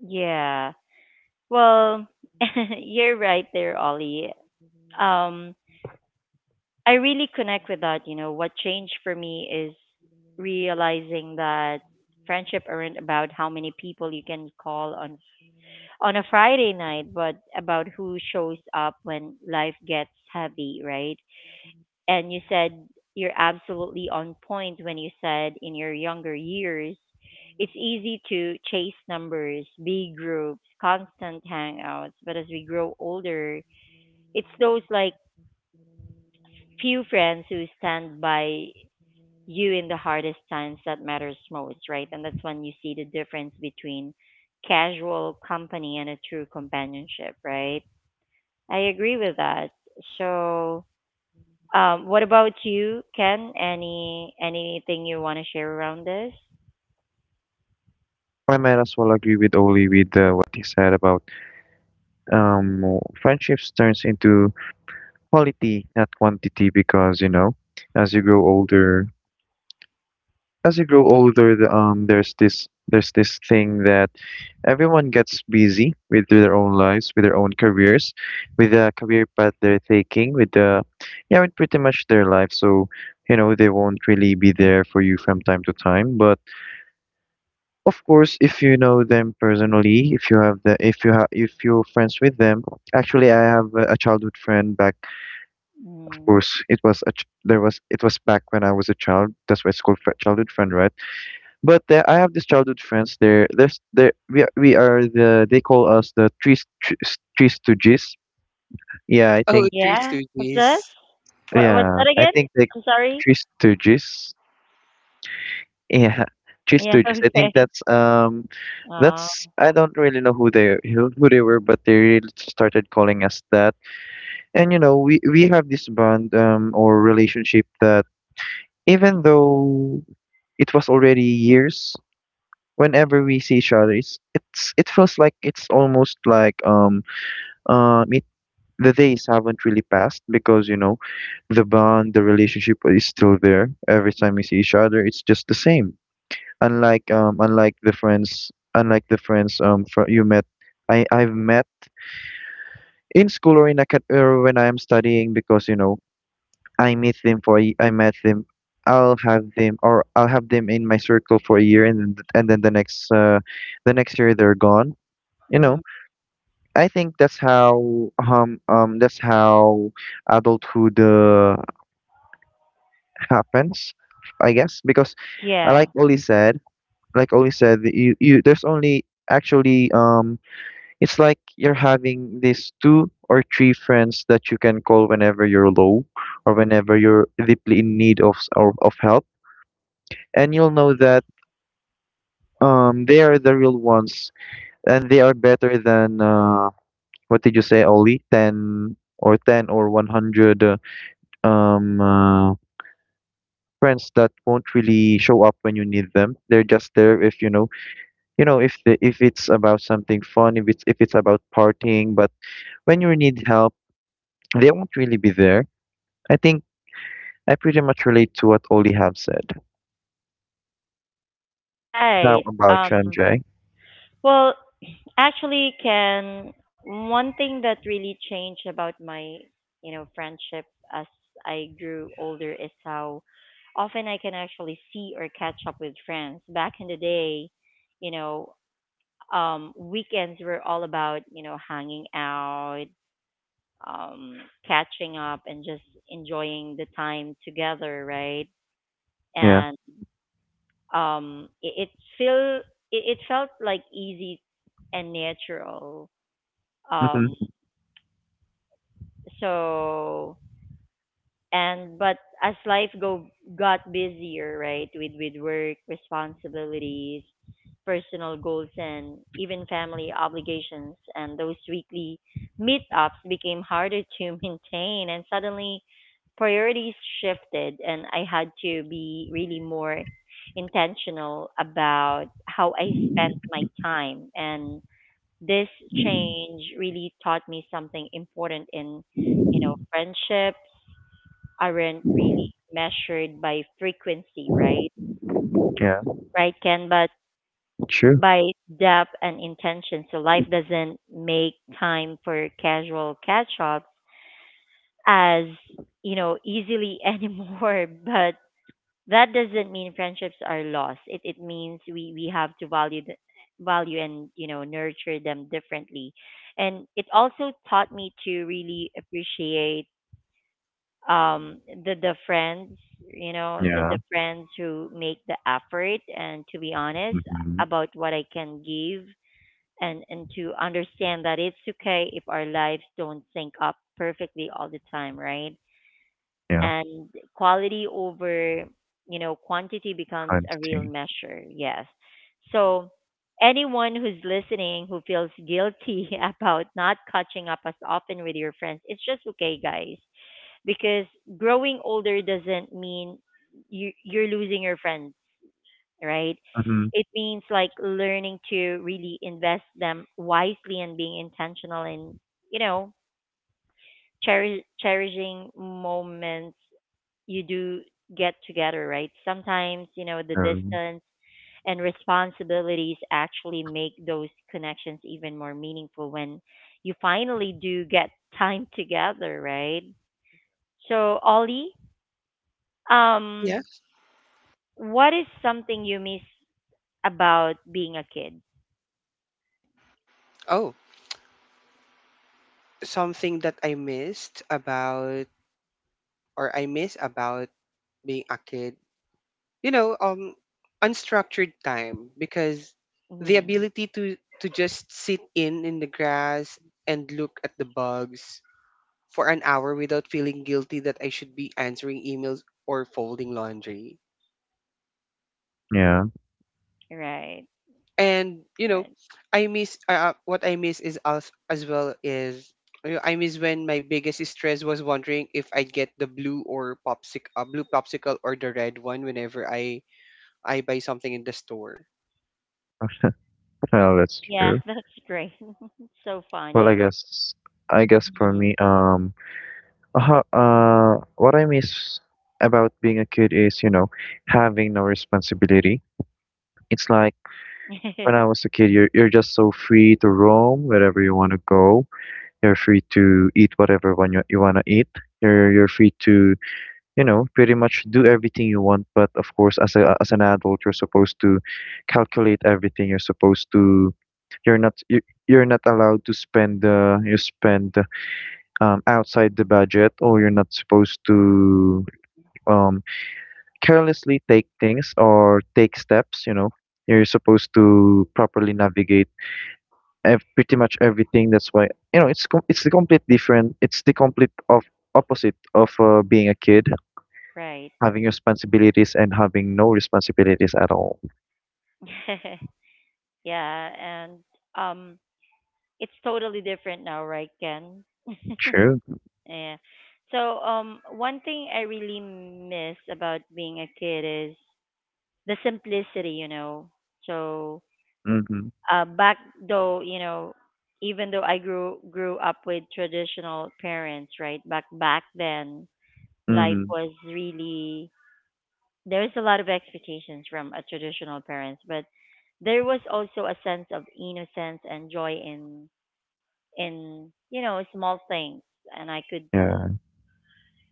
yeah. Well, you're right there, Ollie. Um, I really connect with that. You know, what changed for me is realizing that friendship aren't about how many people you can call on a Friday night, but about who shows up when life gets heavy, right? And you said, you're absolutely on point when you said in your younger years, it's easy to chase numbers, big groups, constant hangouts, but as we grow older, it's those, like, few friends who stand by you in the hardest times that matters most, right? And that's when you see the difference between casual company and a true companionship, right? I agree with that. So, what about you, Ken? Anything you want to share around this? I might as well agree with Oli with, what he said about, friendships turns into quality, not quantity, because you know, as you grow older, there's this thing that everyone gets busy with their own lives, with their own careers, with the career path they're taking, with the yeah, with pretty much their life. So, you know, they won't really be there for you from time to time. But of course, if you know them personally, if you're friends with them. Actually, I have a childhood friend back. Of Mm. course, it was back when I was a child. That's why it's called, childhood friend, right? But, I have this childhood friends. They're there's there we are the, they call us the, three stooges. Yeah, I Oh, think, Three Yeah, what's this? Stooges. What's that again? Like I'm sorry. three stooges. Yeah, three Yeah. stooges. I think Okay. that's, Uh, that's, I don't really know who they, who they were, but they really started calling us that. And you know, we have this bond, or relationship, that even though it was already years, whenever we see each other, it feels like, it's almost like, uh it, the days haven't really passed. Because you know, the bond, the relationship is still there. Every time we see each other, it's just the same. Unlike the friends, you met, I've met in school, or, or when I am studying. Because you know, I meet them for a y- I met them, I'll have them in my circle for a year, and then, the next, the next year, they're gone, you mm, know. I think that's how, that's how adulthood, happens, I guess. Because, yeah. like Oli said, that you there's only actually, it's like you're having these two or three friends that you can call whenever you're low, or whenever you're deeply in need of, of help, and you'll know that, they are the real ones, and they are better than, what did you say, Oli? 10 or 10 or 100, um uh, friends that won't really show up when you need them. They're just there if you know, you know, if it's about something fun, if it's about partying, but when you need help, they won't really be there. I think I pretty much relate to what Oli have said. How Right. about Um. you, MJ? Well, actually, can one thing that really changed about my, you know, friendship as I grew older is how often I can actually see or catch up with friends. Back in the day, you know, weekends were all about, you know, hanging out, um, catching up, and just enjoying the time together, right? Yeah. And it, it feel it felt like easy and natural. Um, Mm-hmm. so and but as life go got busier, right, with work responsibilities, personal goals, and even family obligations, and those weekly meetups became harder to maintain, and suddenly priorities shifted, and I had to be really more intentional about how I spent my time. And this change really taught me something important in, you know, friendships aren't really measured by frequency, right? Yeah. Right, Ken, but True. by depth and intention. So life doesn't make time for casual catch ups as, you know, easily anymore. But that doesn't mean friendships are lost. It means we have to value and, you know, nurture them differently, and it also taught me to really appreciate um the the friends the Yeah. Friends who make the effort, and to be honest Mm-hmm. about what I can give, and to understand that it's okay if our lives don't sync up perfectly all the time, right? Yeah. And quality over, you know, quantity I becomes a real understand. measure. Yes, so anyone who's listening who feels guilty about not catching up as often with your friends, it's just okay guys, because growing older doesn't mean you're losing your friends, right? Mm-hmm. It means, like, learning to really invest them wisely and being intentional and, you know, cherishing moments you do get together, right? Sometimes, you know, the Um, distance and responsibilities actually make those connections even more meaningful when you finally do get time together, right? So, Ollie, um, Yeah. what is something you miss about being a kid? Oh, something that I miss about being a kid, you know, unstructured time, because the Yeah, ability to just sit in the grass and look at the bugs for an hour without feeling guilty that I should be answering emails or folding laundry. yeah. right, And, you know, right. I miss what I miss is, as well, is, you I miss when my biggest stress was wondering if I'd get the blue popsicle or the red one whenever I buy something in the store. Well, that's Yeah, true. that's great. So Well, funny, I guess, for right? me, what I miss about being a kid is, you know, having no responsibility. It's like Mhm. when I was a kid, you're just so free to roam wherever you want to go. You're free to eat whatever one you want to eat. You're free to, you know, pretty much do everything you want. But of course, as an adult, you're supposed to calculate everything. You're supposed to. You're not you, you're not allowed to spend, you spend, outside the budget, or you're not supposed to, um, carelessly take things or take steps. You know, you're supposed to properly navigate, pretty much everything. That's why, you know, it's the complete of opposite of, being a kid, Right. having responsibilities and having no responsibilities at all. Yeah, and um, it's totally different now, right, Ken? True. Yeah. So, one thing I really miss about being a kid is the simplicity, you know. So, Mm-hmm. Back though, you know, even though I grew up with traditional parents, right? Back then, life Mm-hmm. was really, there's a lot of expectations from a traditional parents, but there was also a sense of innocence and joy in you know, small things, and I could Yeah.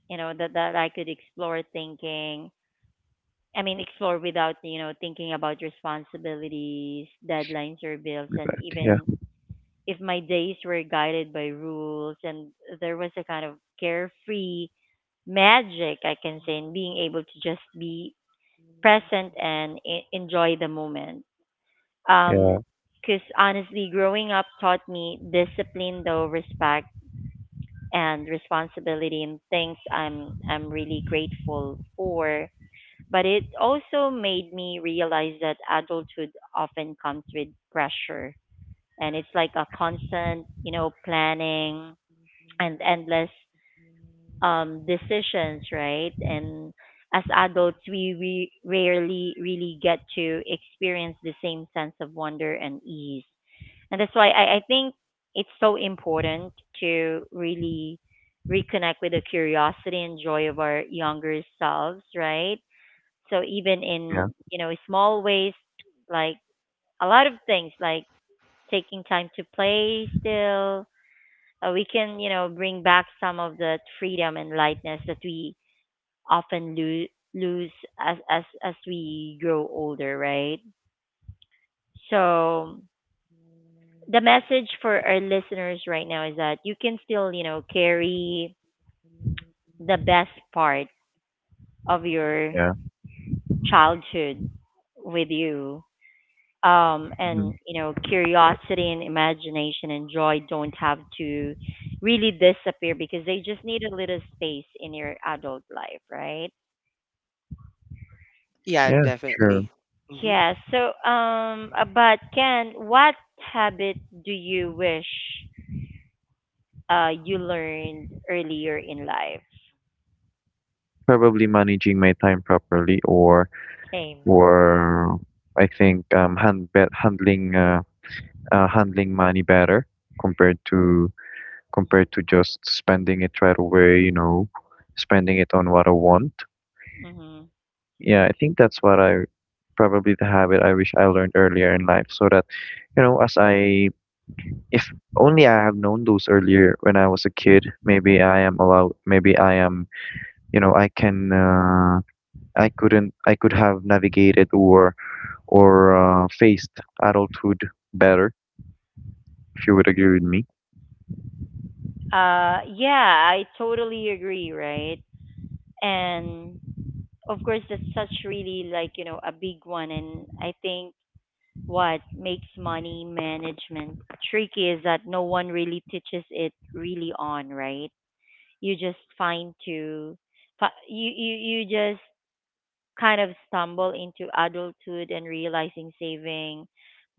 you know that that I could explore thinking I mean explore without, you know, thinking about responsibilities, deadlines, or bills. And Yeah. even if my days were guided by rules, and there was a kind of carefree magic, I can say, in being able to just be present and enjoy the moment. Yeah. um because honestly, growing up taught me discipline though, respect, and responsibility, and things I'm really grateful for. But it also made me realize that adulthood often comes with pressure, and it's like a constant, you know, planning and endless decisions, right? And as adults, we rarely really get to experience the same sense of wonder and ease. And that's why I think it's so important to really reconnect with the curiosity and joy of our younger selves, right? So even in, Yeah. you know, small ways, like a lot of things, like taking time to play still, we can, you know, bring back some of that freedom and lightness that we often lose as, as we grow older, right? So the message for our listeners right now is that you can still, you know, carry the best part of your Yeah. childhood with you. Mm-hmm. And, you know, curiosity and imagination and joy don't have to really disappear, because they just need a little space in your adult life, right? Yeah, Yeah. True. definitely. Mm-hmm. Yeah. So, but Ken, what habit do you wish you learned earlier in life? Probably managing my time properly. Same. Or I think, handling, handling money better, compared to compared to just spending it right away, you know, spending it on what I want. Hmm. Yeah, I think that's what I, probably the habit I wish I learned earlier in life. So that, you know, as I if only I have known those earlier when I was a kid, maybe I am allowed, maybe I am, you know, I can, I couldn't I could have navigated, or, faced adulthood better, if you would agree with me. Yeah, I totally agree, right? And of course, that's such really, like, you know, a big one. And I think what makes money management tricky is that no one really teaches it really on, right? You just find to, fi- you, you just kind of stumble into adulthood and realizing saving,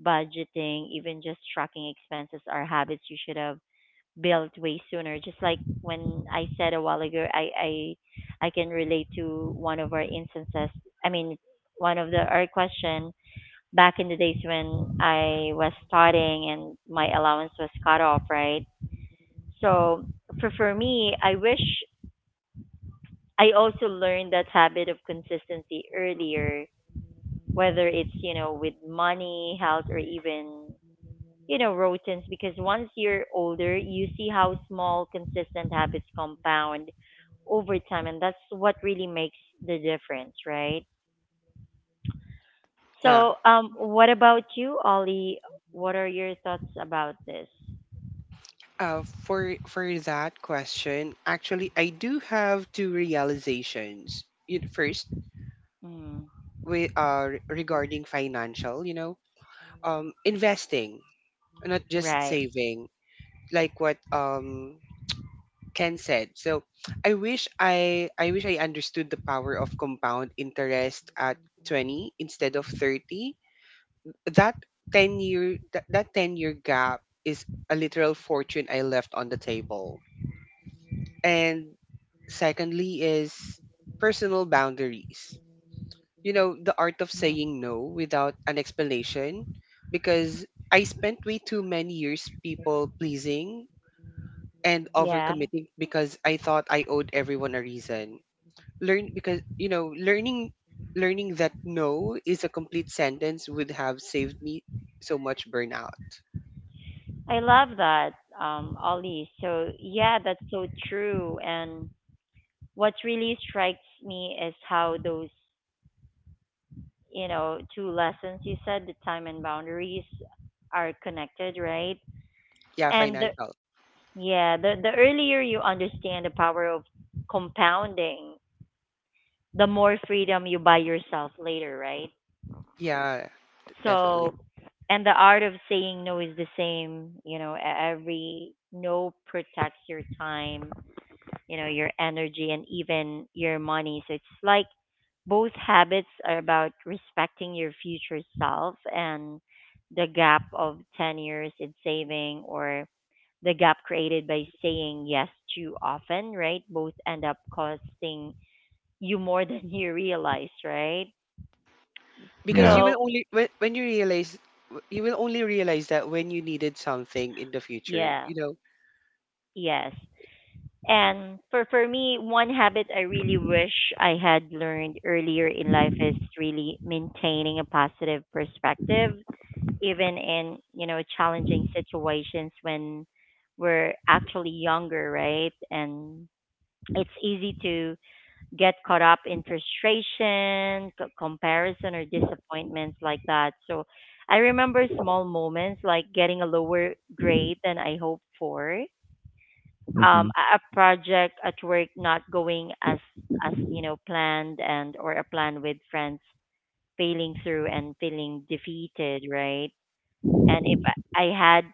budgeting, even just tracking expenses are habits you should have built way sooner. Just like when I said a while ago, I can relate to one of our instances. I mean, one of the our question back in the days when I was studying and my allowance was cut off, right? So for me, I wish I also learned that habit of consistency earlier, whether it's, you know, with money, health, or even, you know, routines, because once you're older, you see how small, consistent habits compound over time, and that's what really makes the difference, right? Yeah. So, what about you, Ollie? What are your thoughts about this? Uh, for that question, actually, I do have two realizations. First, Mm, we are regarding financial. You know, investing, not just right. saving, like what Ken said. So, I wish I understood the power of compound interest at 20 instead of 30. That 10-year gap is a literal fortune I left on the table. And secondly is personal boundaries. You know, the art of Mm, saying no without an explanation, because I spent way too many years people pleasing and yeah, overcommitting because I thought I owed everyone a reason. Learn because, you know, learning that no is a complete sentence would have saved me so much burnout. I love that, Ollie. So, yeah, that's so true. And what really strikes me is how those, you know, two lessons you said, the time and boundaries, are connected, right? Yeah, And financial. yeah, the earlier you understand the power of compounding, the more freedom you buy yourself later, right? Yeah, definitely. So, and the art of saying no is the same, you know, every no protects your time, you know, your energy and even your money. So it's like both habits are about respecting your future self, and the gap of 10 years in saving, or the gap created by saying yes too often, right, both end up costing you more than you realize, right? Yeah. Because you will So only, when you realize, you will only realize that when you needed something in the future, yeah, you know. yes. And for me, one habit I really wish I had learned earlier in life is really maintaining a positive perspective, even in, you know, challenging situations when we're actually younger, right? And it's easy to get caught up in frustration, comparison, or disappointments like that. So I remember small moments like getting a lower grade than I hoped for, Hmm. um, a project at work not going as, you know, planned, and or a plan with friends failing through and feeling defeated, right? And if I had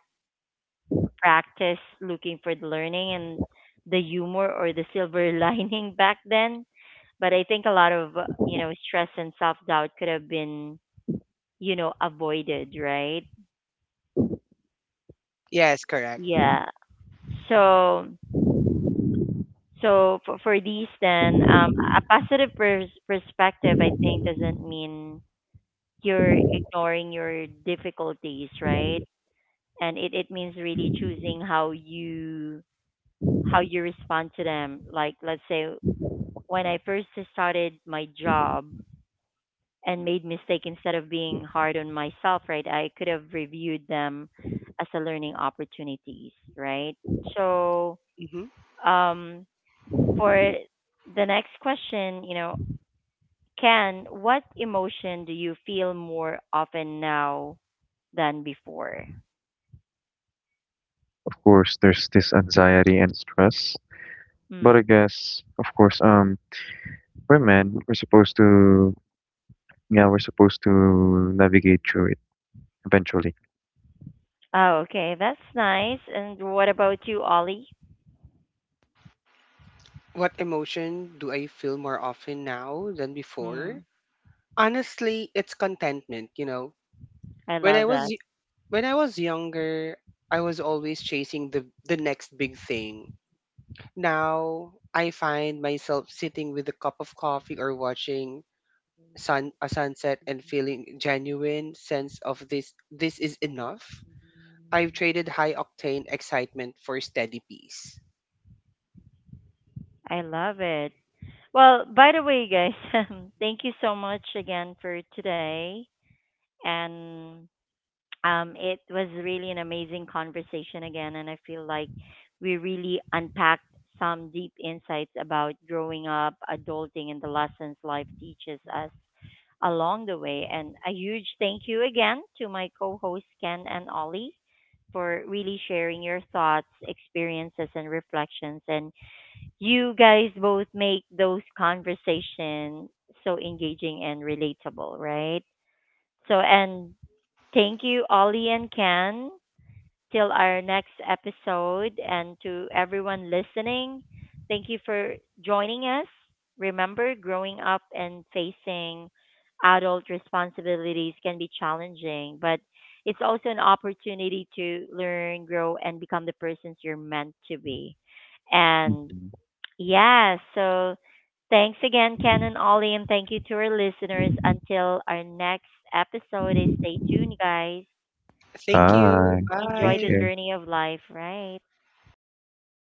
practice looking for the learning and the humor or the silver lining back then, but I think a lot of, you know, stress and self doubt could have been, you know, avoided, right? Yes, correct. Yeah. So so for, these, then, a perspective, I think, doesn't mean you're ignoring your difficulties, right? And it means really choosing how you respond to them. Like let's say when I first started my job and made mistake, instead of being hard on myself, right? I could have reviewed them as a learning opportunities, right? So Hmm. um, for the next question, you know, Ken, what emotion do you feel more often now than before? Of course, there's this anxiety and stress, but I Hmm. guess, of course, we're men. We're supposed to, yeah, we're supposed to navigate through it eventually. Oh, okay. That's nice. And what about you, Ollie? What emotion do I feel more often now than before? Hmm. Honestly, it's contentment, you know. I when i love was that. y- when I was younger, I was always chasing the next big thing. Now I find myself sitting with a cup of coffee or watching sun a sunset and feeling genuine sense of this is enough. I've traded high octane excitement for steady peace. I love it. Well, by the way, guys, thank you so much again for today. And um, it was really an amazing conversation again, and I feel like we really unpacked some deep insights about growing up, adulting, and the lessons life teaches us along the way. And a huge thank you again to my co hosts, Ken and Ollie, for really sharing your thoughts, experiences, and reflections. And you guys both make those conversations so engaging and relatable, right? So, and thank you, Ollie and Ken. Till our next episode, and to everyone listening, thank you for joining us. Remember, growing up and facing adult responsibilities can be challenging, but it's also an opportunity to learn, grow, and become the persons you're meant to be. And yeah, so thanks again, Ken and Ollie, and thank you to our listeners. Until our next episode, stay tuned, guys. Thank Bye. you. Thank Enjoy the Bye. you. journey of life, right?